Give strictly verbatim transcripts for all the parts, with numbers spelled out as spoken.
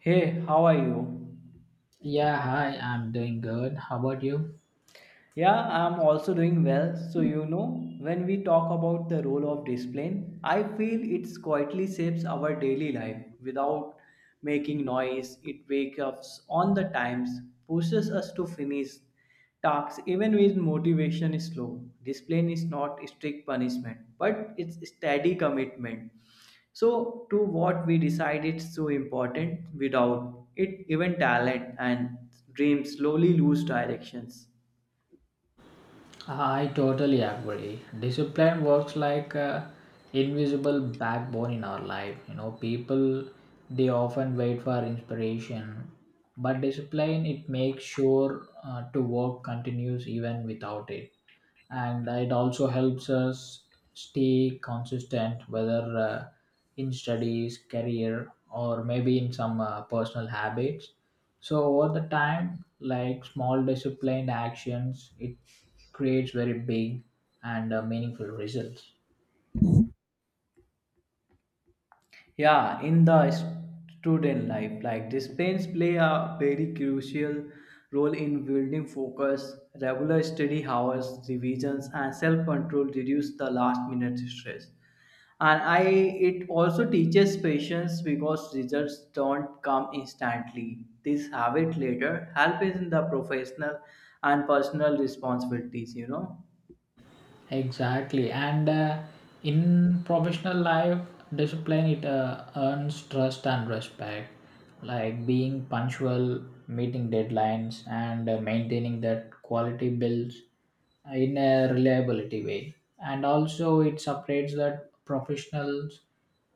Hey, how are you? Yeah, hi, I'm doing good. How about you? Yeah, I'm also doing well. So, you know, when we talk about the role of discipline, I feel it quietly shapes our daily life without making noise. It wakes us on the times, pushes us to finish tasks even when motivation is low. Discipline is not strict punishment, but it's steady commitment. So, to what we decide it's so important. Without it, even talent and dreams slowly lose directions. I totally agree. Discipline works like a invisible backbone in our life. You know, people they often wait for inspiration, but discipline it makes sure uh, to work continues even without it, and it also helps us stay consistent, whether uh, in studies, career, or maybe in some uh, personal habits. So over the time, like small disciplined actions, it creates very big and uh, meaningful results. Yeah, in the student life, like disciplines play a very crucial role in building focus. Regular study hours, revisions, and self-control reduce the last minute stress, and I it also teaches patience because results don't come instantly. This habit later help in the professional and personal responsibilities you know Exactly, and uh, in professional life, discipline it uh, earns trust and respect. Like being punctual, meeting deadlines, and uh, maintaining that quality builds in a reliability way. And also, it separates that professionals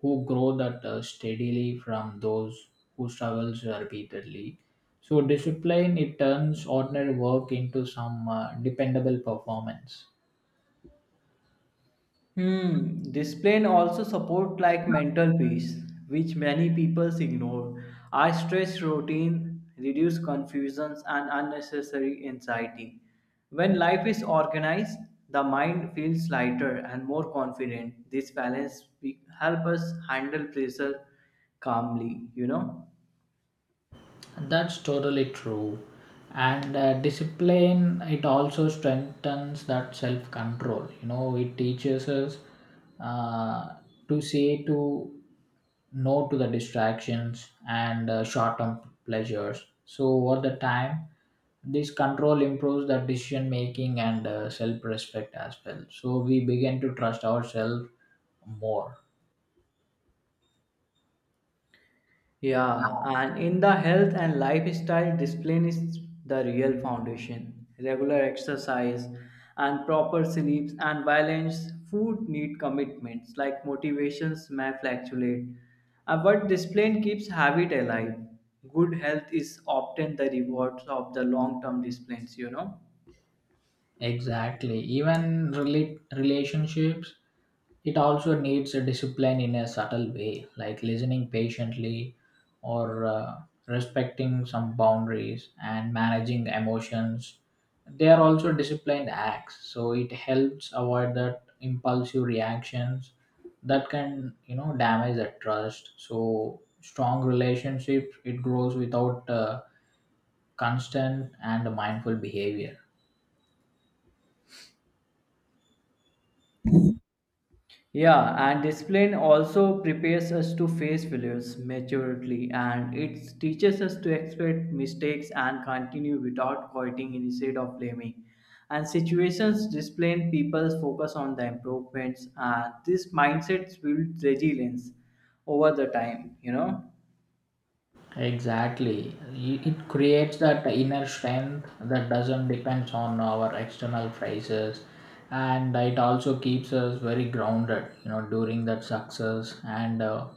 who grow that uh, steadily from those who struggles repeatedly. So discipline it turns ordinary work into some uh, dependable performance. Hmm. This plan also support like mental peace, which many people ignore. Our stress routine reduce confusions and unnecessary anxiety. When life is organized, the mind feels lighter and more confident. This balance be- help us handle pressure calmly. You know. That's totally true. And uh, discipline, it also strengthens that self control. You know, it teaches us uh, to say to no to the distractions and uh, short term pleasures. So, over the time, this control improves the decision making and uh, self respect as well. So, we begin to trust ourselves more. Yeah, and in the health and lifestyle, discipline is the real foundation. Regular exercise and proper sleeps and balanced food need commitments, like motivations may fluctuate. Uh, but discipline keeps habit alive. Good health is often the rewards of the long term disciplines, you know. Exactly. Even relate relationships, it also needs a discipline in a subtle way, like listening patiently or uh, respecting some boundaries and managing emotions. They are also disciplined acts, so it helps avoid that impulsive reactions that can, you know, damage the trust. So strong relationships it grows without uh, constant and mindful behavior. Yeah, and discipline also prepares us to face failures maturely, and it teaches us to expect mistakes and continue without quitting instead of blaming. And situations discipline people focus on the improvements, and this mindset builds resilience over the time, you know. Exactly. It it creates that inner strength that doesn't depend on our external prices and it also keeps us very grounded, you know, during that success and uh,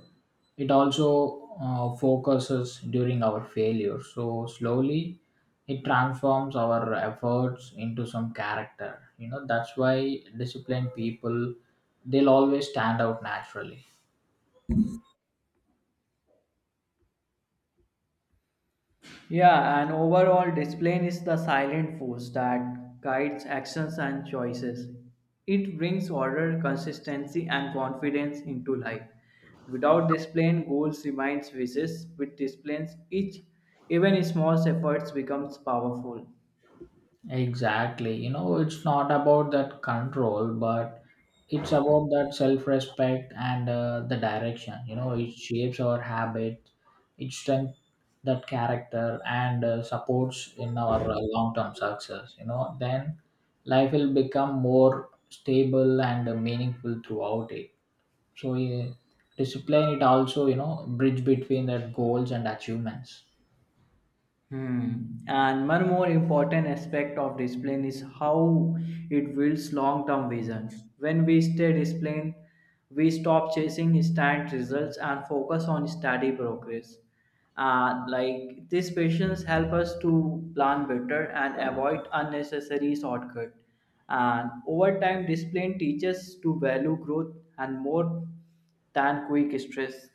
it also uh, focuses during our failure. So slowly it transforms our efforts into some character. You know, that's why disciplined people they'll always stand out naturally. Yeah, and overall discipline is the silent force that guides actions and choices. It brings order, consistency, and confidence into life. Without discipline, goals remain wishes. With discipline, each even small efforts becomes powerful. Exactly. You know, it's not about that control, but it's about that self respect and uh, the direction. You know, it shapes our habits, it strengthens that character, and uh, supports in our uh, long term success. You know, then life will become more stable and uh, meaningful throughout it. So, uh, discipline, it also, you know, bridge between that goals and achievements. Hmm. And one more important aspect of discipline is how it builds long term vision. When we stay disciplined, we stop chasing instant results and focus on steady progress. Uh, like this patience help us to plan better and avoid unnecessary shortcut. And over time, discipline teaches to value growth and more than quick stress.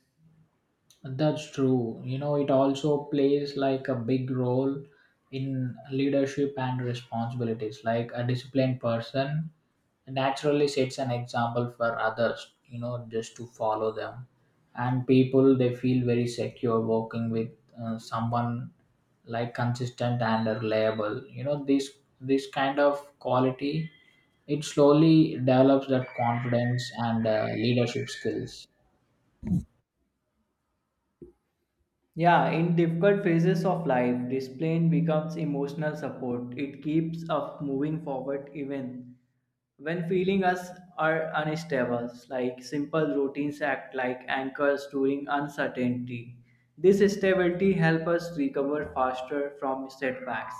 That's true. You know, it also plays like a big role in leadership and responsibilities. Like a disciplined person naturally sets an example for others, you know, just to follow them. And people, they feel very secure working with uh, someone like consistent and reliable. You know, this this kind of quality, it slowly develops that confidence and uh, leadership skills. Yeah, in difficult phases of life, discipline becomes emotional support. It keeps us moving forward even when feeling us are unstable. Like simple routines act like anchors during uncertainty. This stability helps us recover faster from setbacks.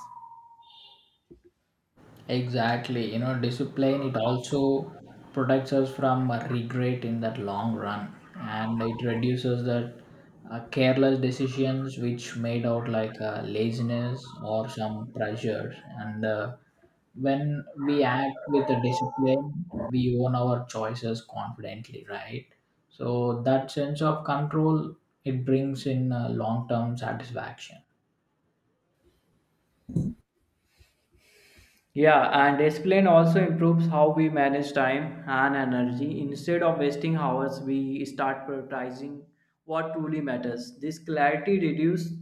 Exactly. You know, discipline, it also protects us from uh, regret in that long run. And it reduces that uh, careless decisions which made out like uh, laziness or some pressure. And uh, when we act with a discipline, we own our choices confidently, right? So that sense of control, it brings in uh, long-term satisfaction. Yeah, and discipline also improves how we manage time and energy. Instead of wasting hours, we start prioritizing what truly matters. This clarity reduces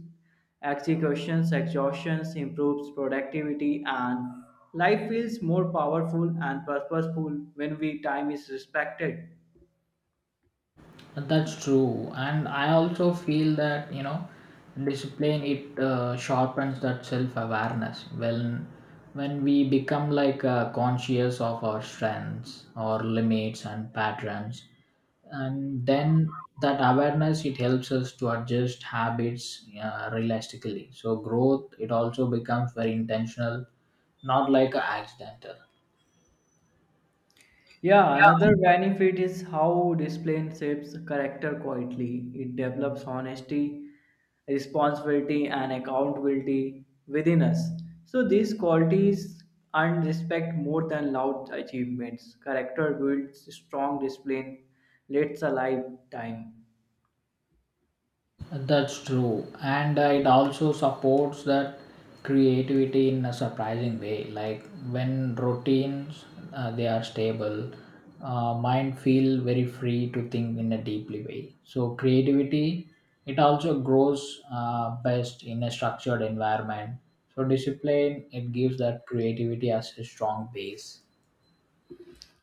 executions, exhaustions, improves productivity, and life feels more powerful and purposeful when we time is respected. That's true, and I also feel that you know, discipline it uh, sharpens that self-awareness. When when we become like uh, conscious of our strengths, our limits, and patterns, and then that awareness it helps us to adjust habits uh, realistically. So growth it also becomes very intentional, not like a accidental. Yeah, another benefit is how discipline shapes character quietly. It develops honesty, responsibility, and accountability within us. So these qualities earn respect more than loud achievements. Character builds strong discipline, lasts a lifetime. That's true, and it also supports that creativity in a surprising way. Like when routines uh, they are stable, uh, mind feel very free to think in a deeply way. So creativity it also grows uh, best in a structured environment. So discipline it gives that creativity as a strong base.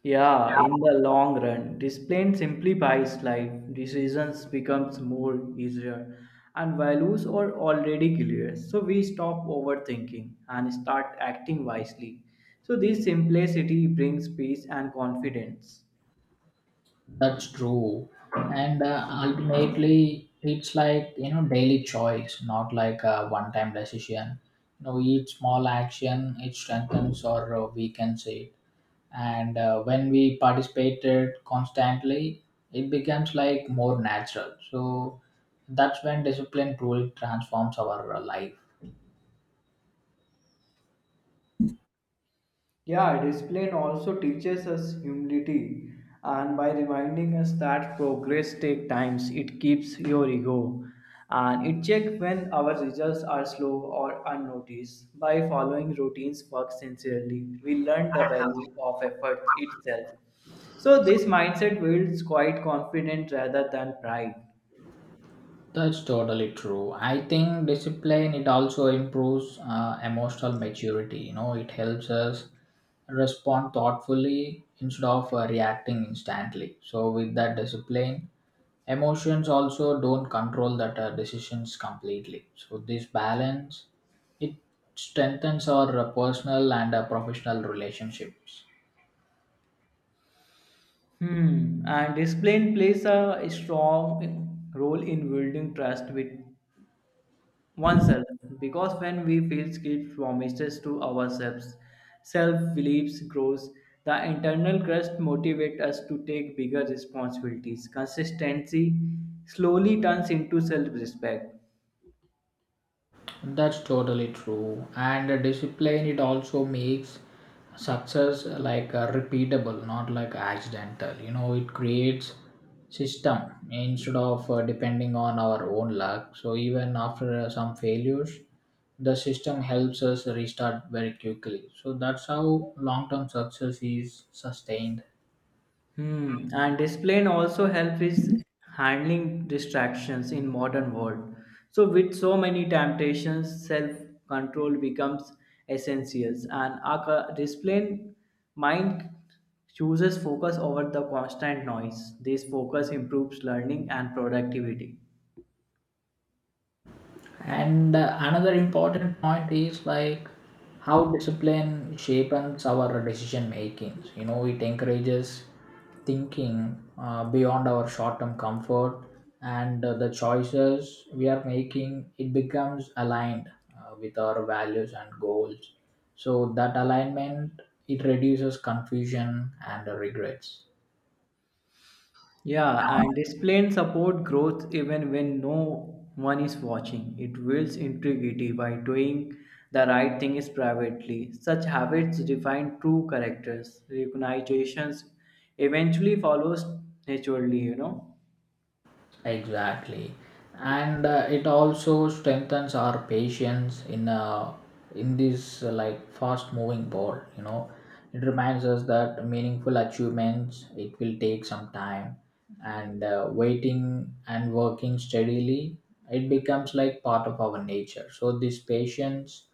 Yeah, in the long run, this plan simplifies life, decisions becomes more easier, and values are already clear. So we stop overthinking and start acting wisely. So this simplicity brings peace and confidence. That's true. And uh, ultimately, it's like, you know, daily choice, not like a one time decision. You know, each small action, it strengthens or uh, weakens it. And uh, when we participated constantly, it becomes like more natural. So that's when discipline truly transforms our uh, life. Yeah, discipline also teaches us humility, and by reminding us that progress takes times, it keeps your ego, and it checks when our results are slow or unnoticed. By following routines, work sincerely, we learn the value of effort itself. So this mindset builds quite confidence rather than pride. That's totally true. I think discipline it also improves uh, emotional maturity. You know, it helps us respond thoughtfully instead of uh, reacting instantly. So with that discipline, emotions also don't control that uh, decisions completely. So this balance it strengthens our uh, personal and uh, professional relationships. Hmm. And discipline plays a strong role in building trust with oneself, because when we feel guilt promises to ourselves, self beliefs grows. The internal crust motivates us to take bigger responsibilities. Consistency slowly turns into self respect. That's totally true. And uh, discipline, it also makes success uh, like uh, repeatable, not like accidental. You know, it creates system instead of uh, depending on our own luck. So even after uh, some failures, the system helps us restart very quickly. So that's how long-term success is sustained. Hmm. And discipline also helps with handling distractions in modern world. So with so many temptations, self-control becomes essential, and our discipline mind chooses focus over the constant noise. This focus improves learning and productivity. And uh, another important point is like how discipline shapes our decision making. You know, it encourages thinking uh, beyond our short-term comfort, and uh, the choices we are making it becomes aligned uh, with our values and goals. So that alignment it reduces confusion and uh, regrets. Yeah, and displaying support growth even when no one is watching. It builds integrity by doing the right thing. Is privately. Such habits define true characters. Recognitions eventually follows naturally, you know. Exactly, and uh, it also strengthens our patience in uh, in this uh, like fast moving world. You know, it reminds us that meaningful achievements it will take some time, and uh, waiting and working steadily it becomes like part of our nature. So this patience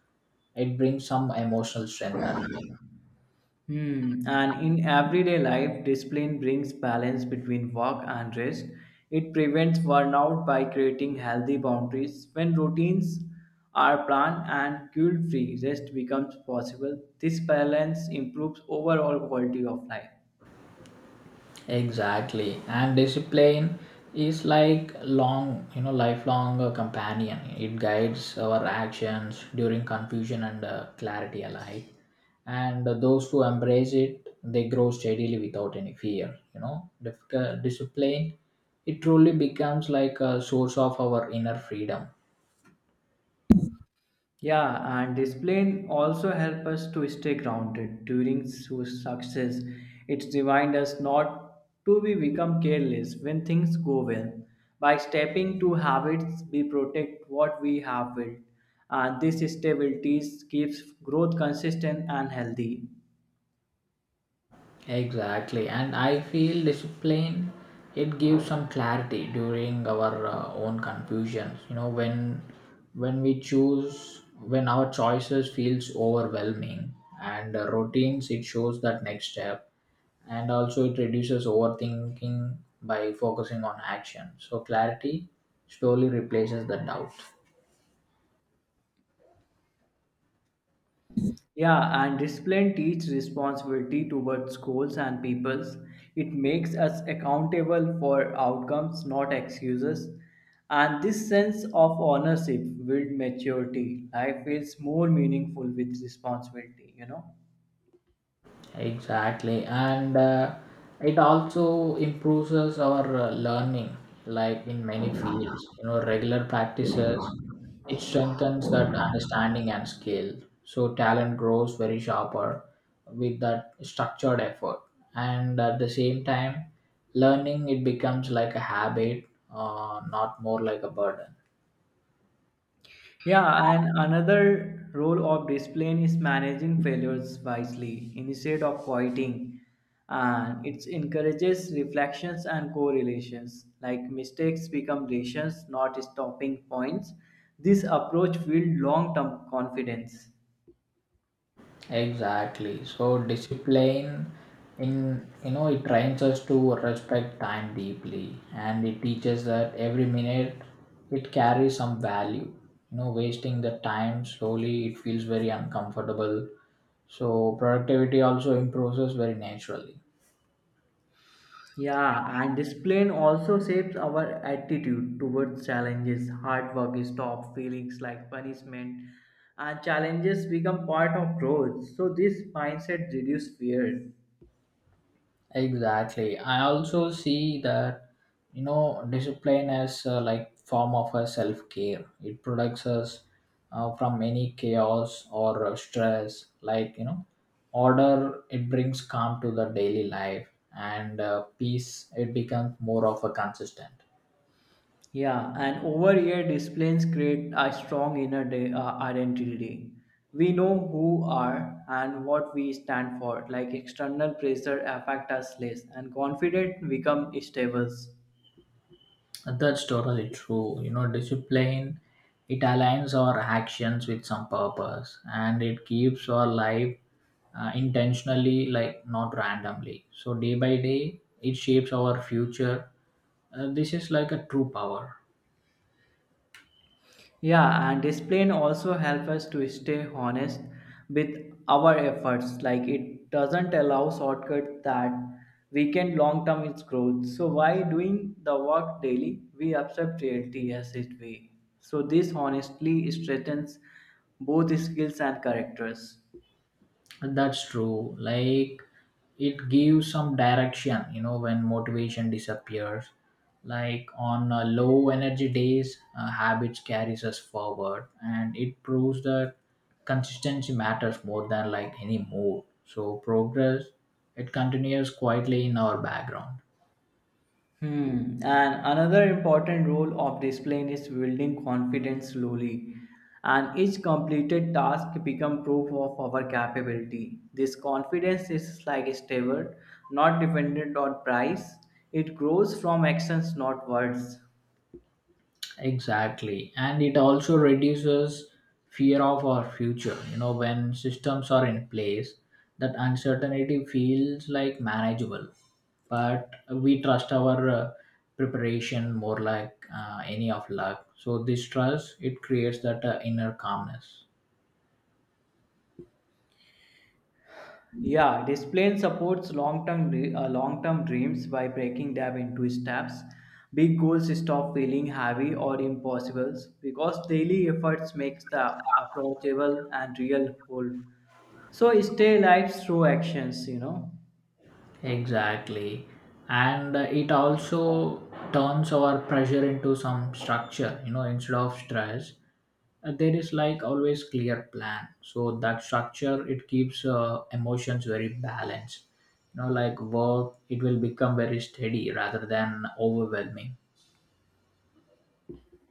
it brings some emotional strength as. Hmm. And in everyday life, discipline brings balance between work and rest. It prevents burnout by creating healthy boundaries. When routines are planned and guilt free, rest becomes possible. This balance improves overall quality of life. Exactly. And discipline is like long, you know, lifelong uh, companion. It guides our actions during confusion and uh, clarity alike. And uh, those who embrace it, they grow steadily without any fear. You know, Dif- uh, discipline, it truly becomes like a source of our inner freedom. Yeah, and discipline also help us to stay grounded during su- success. It reminds us not to be become careless when things go well. By stepping to habits, we protect what we have built, and this stability keeps growth consistent and healthy. Exactly, and I feel discipline it gives some clarity during our uh, own confusions. You know, when when we choose, when our choices feels overwhelming, and uh, routines it shows that next step, and also it reduces overthinking by focusing on action. So clarity slowly replaces the doubt. Yeah, and discipline teaches responsibility towards schools and peoples. It makes us accountable for outcomes, not excuses. And this sense of ownership builds maturity. Life feels more meaningful with responsibility, you know. Exactly, and uh, it also improves us our uh, learning. Like in many fields, you know, regular practices it strengthens that understanding and skill. So talent grows very sharper with that structured effort, and at the same time, learning it becomes like a habit, uh, not more like a burden. Yeah, and another role of discipline is managing failures wisely instead of fighting. And it encourages reflections and correlations, like mistakes become lessons, not stopping points. This approach builds long term confidence. Exactly. So discipline in you know it trains us to respect time deeply and it teaches that every minute it carries some value. You know, wasting the time slowly it feels very uncomfortable. So productivity also improves us very naturally. Yeah, and discipline also shapes our attitude towards challenges. Hard work is stop feelings like punishment, and challenges become part of growth. So this mindset reduces fear. Exactly. I also see that you know discipline as uh, like form of a self care. It protects us uh, from any chaos or uh, stress. Like you know, order it brings calm to the daily life, and uh, peace it becomes more of a consistent. Yeah, and over here disciplines create a strong inner de- uh, identity. We know who are and what we stand for. Like external pressure affect us less, and confident become stable. That's totally true. You know, discipline it aligns our actions with some purpose, and it keeps our life uh, intentionally, like not randomly. So day by day, it shapes our future. Uh, this is like a true power. Yeah, and discipline also helps us to stay honest with our efforts. Like it doesn't allow shortcuts that weaken long-term its growth. So while doing the work daily, we accept reality as it way. So this honestly strengthens both skills and characters. That's true. Like it gives some direction, you know, when motivation disappears. Like on uh, low energy days, uh, habits carries us forward, and it proves that consistency matters more than like any mood. So progress, it continues quietly in our background. Hmm. And another important role of discipline is building confidence slowly, and each completed task become proof of our capability. This confidence is like a steward, not dependent on price. It grows from actions, not words. Exactly, and it also reduces fear of our future. You know, when systems are in place, that uncertainty feels like manageable but we trust our uh, preparation more like uh, any of luck. So this trust it creates that uh, inner calmness. Yeah, this plan supports long-term dre- uh, long-term dreams by breaking them into steps. Big goals stop feeling heavy or impossible because daily efforts makes the approachable and real whole. So stay alive through actions, you know. Exactly. And uh, it also turns our pressure into some structure, you know, instead of stress. Uh, there is like always clear plan. So that structure, it keeps uh, emotions very balanced. You know, like work, it will become very steady rather than overwhelming.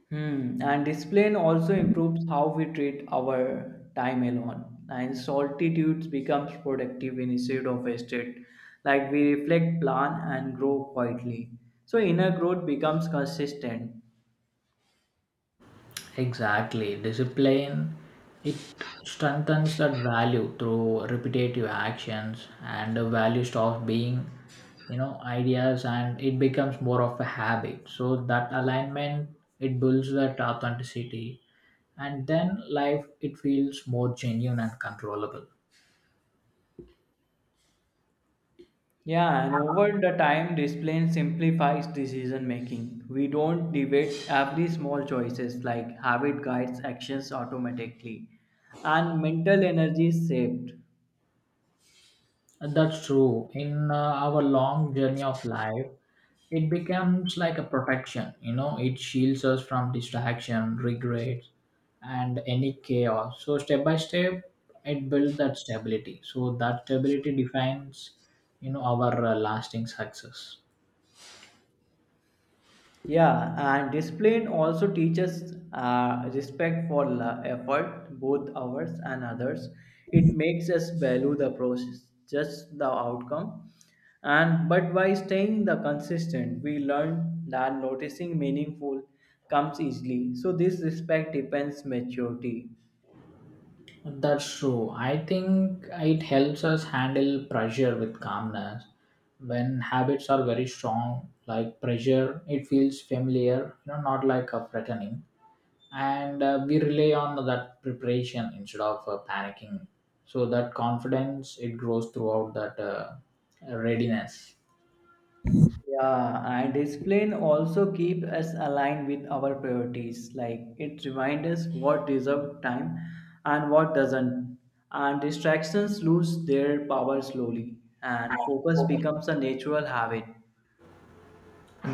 Hmm. And discipline also improves how we treat our time alone. And solitude becomes productive instead of wasted. Like we reflect, plan, and grow quietly. So inner growth becomes consistent. Exactly. Discipline it strengthens that value through repetitive actions and the value stops being, you know, ideas and it becomes more of a habit. So that alignment it builds that authenticity and then life it feels more genuine and controllable. Yeah, and over the time, discipline simplifies decision making. We don't debate every small choices, like habit guides actions automatically, and mental energy is saved. That's true. In uh, our long journey of life, it becomes like a protection. You know, it shields us from distraction, regret, and any chaos. So step by step, it builds that stability. So that stability defines, you know, our uh, lasting success. Yeah, and discipline also teaches uh, respect for la- effort, both ours and others. It makes us value the process, just the outcome. And but by staying the consistent, we learn that noticing meaningful comes easily. So this respect depends maturity. That's true. I think it helps us handle pressure with calmness. When habits are very strong, like pressure, it feels familiar, you know, not like a threatening. And uh, we rely on that preparation instead of uh, panicking, so that confidence it grows throughout that uh, readiness. Yeah, and discipline also keep us aligned with our priorities. Like it reminds us what deserve time and what doesn't. And distractions lose their power slowly, and focus becomes a natural habit.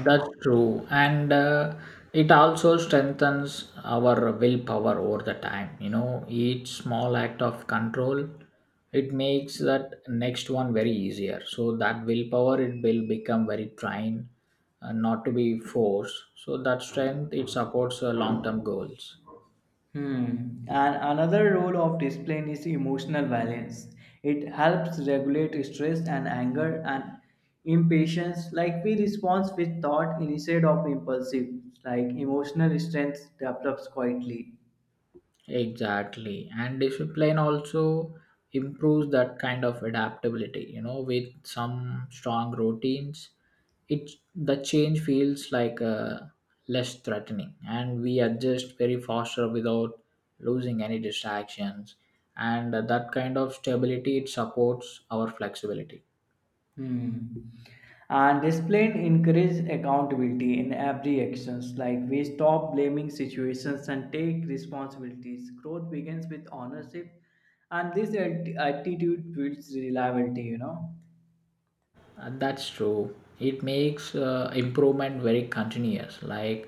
That's true, and uh, it also strengthens our willpower over the time. You know, each small act of control it makes that next one very easier, so that willpower it will become very trained, uh, not to be forced, so that strength it supports uh, long term goals. Hmm. And another role of discipline is emotional balance. It helps regulate stress and anger and impatience. Like we respond with thought instead of impulsive. Like emotional strength develops quietly. Exactly. And discipline also improves that kind of adaptability. You know, with some strong routines, it the change feels like uh, less threatening, and we adjust very faster without losing any distractions. And that kind of stability it supports our flexibility. Hmm. And discipline encourages accountability in every actions. Like we stop blaming situations and take responsibilities. Growth begins with ownership, and this atti- attitude builds reliability. You know. Uh, that's true. It makes uh, improvement very continuous. Like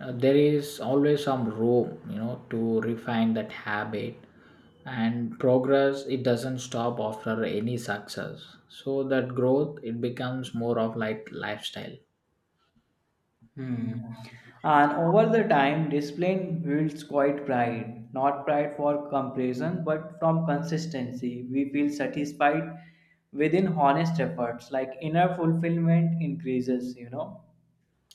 uh, there is always some room, you know, to refine that habit. And progress, it doesn't stop after any success. So that growth, it becomes more of like lifestyle. Hmm. And over the time, discipline builds quite pride, not pride for comparison, but from consistency. We feel satisfied within honest efforts. Like inner fulfillment increases. You know.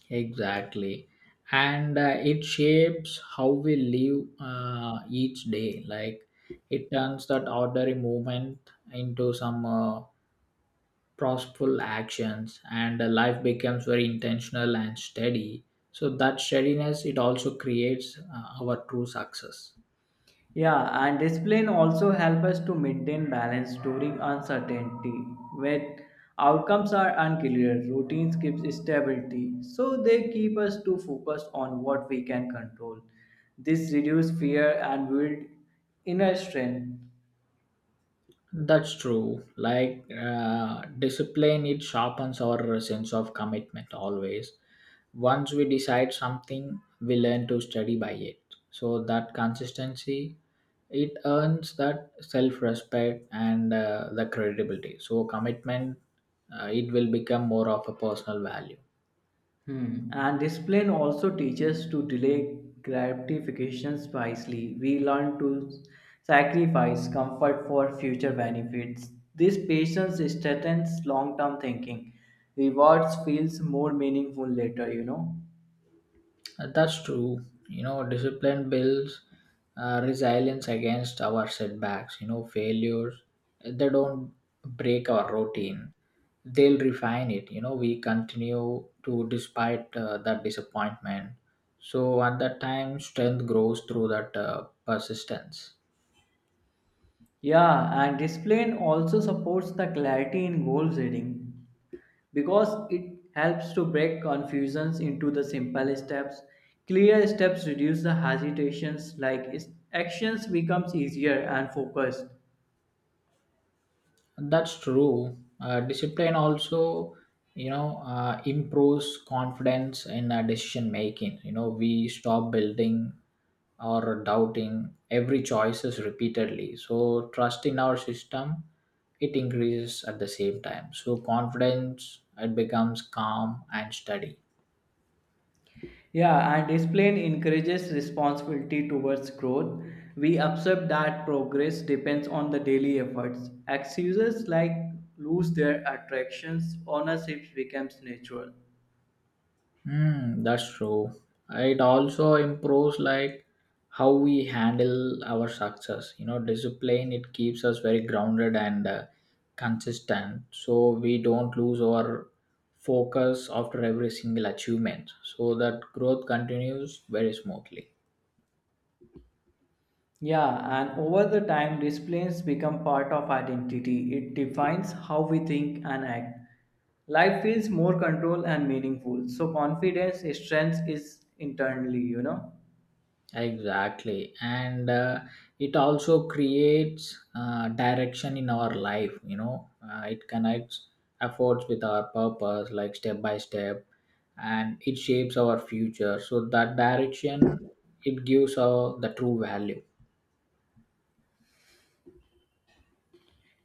Exactly. And uh, it shapes how we live uh, each day. Like it turns that ordinary movement into some. Uh, purposeful actions and uh, life becomes very intentional and steady, so that steadiness it also creates uh, our true success. Yeah, and discipline also help us to maintain balance during uncertainty. When outcomes are unclear, routines gives stability, so they keep us to focus on what we can control. This reduce fear and build inner strength. That's true. Like uh, discipline it sharpens our sense of commitment always. Once we decide something we learn to study by it, so that consistency it earns that self-respect and uh, the credibility. So commitment uh, it will become more of a personal value. Hmm. And discipline also teaches to delay gratifications wisely. We learn to sacrifice comfort for future benefits. This patience strengthens long-term thinking. Rewards feels more meaningful later, you know. Uh, That's true. You know, discipline builds uh, resilience against our setbacks, you know, failures. uh, They don't break our routine, they'll refine it. You know, we continue to despite uh, that disappointment. So, at that time, strength grows through that uh, persistence. Yeah, and Displane also supports the clarity in goal setting, because it helps to break confusions into the simple steps. Clear steps reduce the hesitations, like is- actions becomes easier and focused. That's true. Uh, discipline also, you know, uh, improves confidence in uh, decision making. You know, we stop building or doubting every choices repeatedly. So trust in our system, it increases at the same time. So confidence, it becomes calm and steady. Yeah, and Displane encourages responsibility towards growth. We accept that progress depends on the daily efforts. Excuses like lose their attractions, ownership becomes natural. Hmm, that's true. It also improves like how we handle our success. You know, discipline it keeps us very grounded and uh, consistent, so we don't lose our focus after every single achievement. So that growth continues very smoothly. Yeah, and over the time, disciplines become part of identity. It defines how we think and act. Life feels more control and meaningful. So confidence, strength is internally, you know. Exactly, and uh, it also creates uh, direction in our life. You know, uh, it connects efforts with our purpose like step by step, and it shapes our future, so that direction it gives our the true value.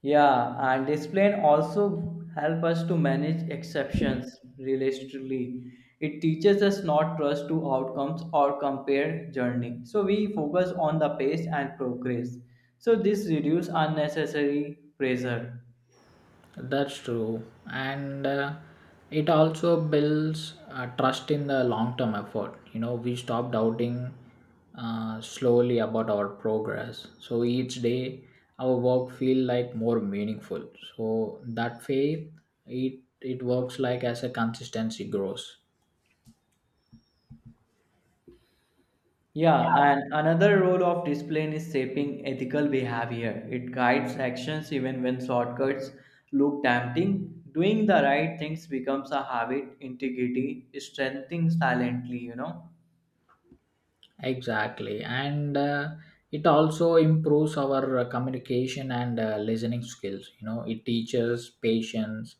Yeah, and discipline also help us to manage exceptions realistically. It teaches us not trust to outcomes or compare journey. So we focus on the pace and progress. So this reduce unnecessary pressure. That's true. And uh, it also builds uh, trust in the long term effort. You know, we stop doubting uh, slowly about our progress. So each day, our work feel like more meaningful. So that faith, it, it works like as a consistency grows. Yeah, and another role of discipline is shaping ethical behavior. It guides actions even when shortcuts look tempting. Doing the right things becomes a habit, integrity, strengthening silently, you know. Exactly. And uh, it also improves our uh, communication and uh, listening skills. You know, it teaches patience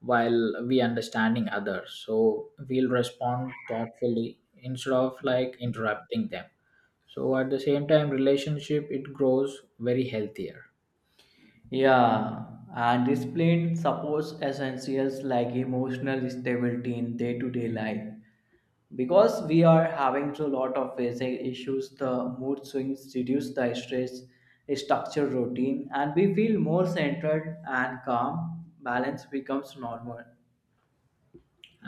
while we understanding others. So we'll respond thoughtfully instead of like interrupting them. So at the same time, relationship it grows very healthier. Yeah, and discipline supports essentials like emotional stability in day to day life. Because we are having a lot of facing issues, the mood swings reduce the stress, structure routine, and we feel more centered and calm. Balance becomes normal.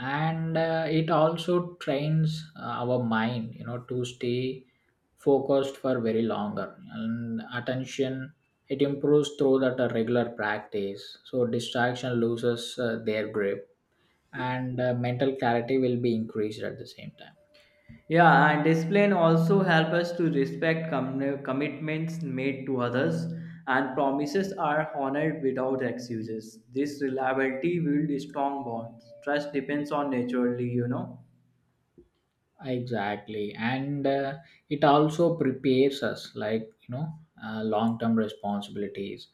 And uh, it also trains uh, our mind, you know, to stay focused for very longer, and attention it improves through that uh, regular practice, so distraction loses uh, their grip, and uh, mental clarity will be increased at the same time. Yeah, and discipline also help us to respect com- commitments made to others, and promises are honored without excuses. This reliability builds strong bonds. Trust depends on naturally, you know. Exactly, and uh, it also prepares us like you know uh, long term responsibilities,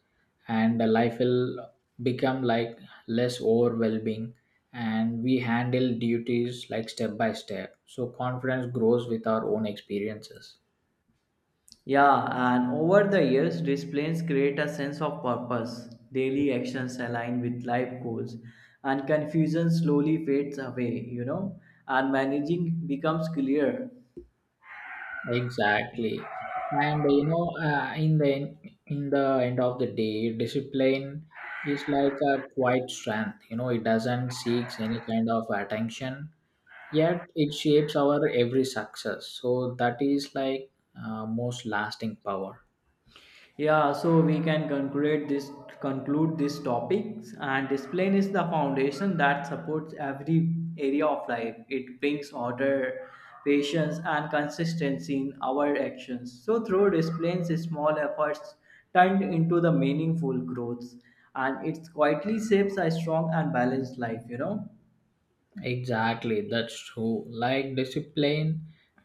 and uh, life will become like less overwhelming, and we handle duties like step by step, so confidence grows with our own experiences. Yeah, and over the years, disciplines create a sense of purpose. Daily actions align with life goals, and confusion slowly fades away, you know, and managing becomes clear. Exactly. And uh, you know, uh, in the in the end of the day, discipline is like a quiet strength. You know, it doesn't seeks any kind of attention, yet it shapes our every success. So that is like uh, most lasting power. Yeah, so we can conclude this conclude this topics. And discipline is the foundation that supports every area of life. It brings order, patience and consistency in our actions. So through disciplines small efforts turned into the meaningful growths, and it quietly shapes a strong and balanced life, you know. Exactly, that's true. Like discipline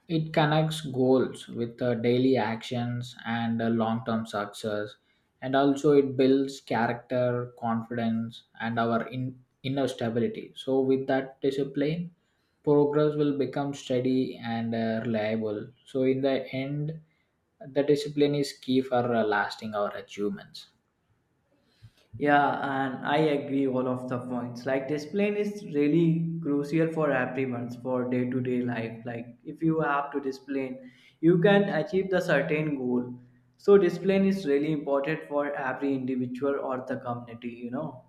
it connects goals with uh, daily actions and uh, long-term success, and also it builds character confidence and our in- inner stability. So with that discipline progress will become steady and uh, reliable. So in the end the discipline is key for uh, lasting our achievements. Yeah, and I agree all of the points. Like discipline is really crucial for everyone for day to day life. Like if you have to discipline, you can achieve the certain goal. So discipline is really important for every individual or the community, you know.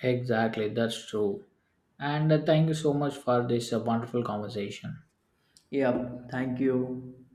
Exactly, that's true. And uh, thank you so much for this uh, wonderful conversation. Yeah, thank you.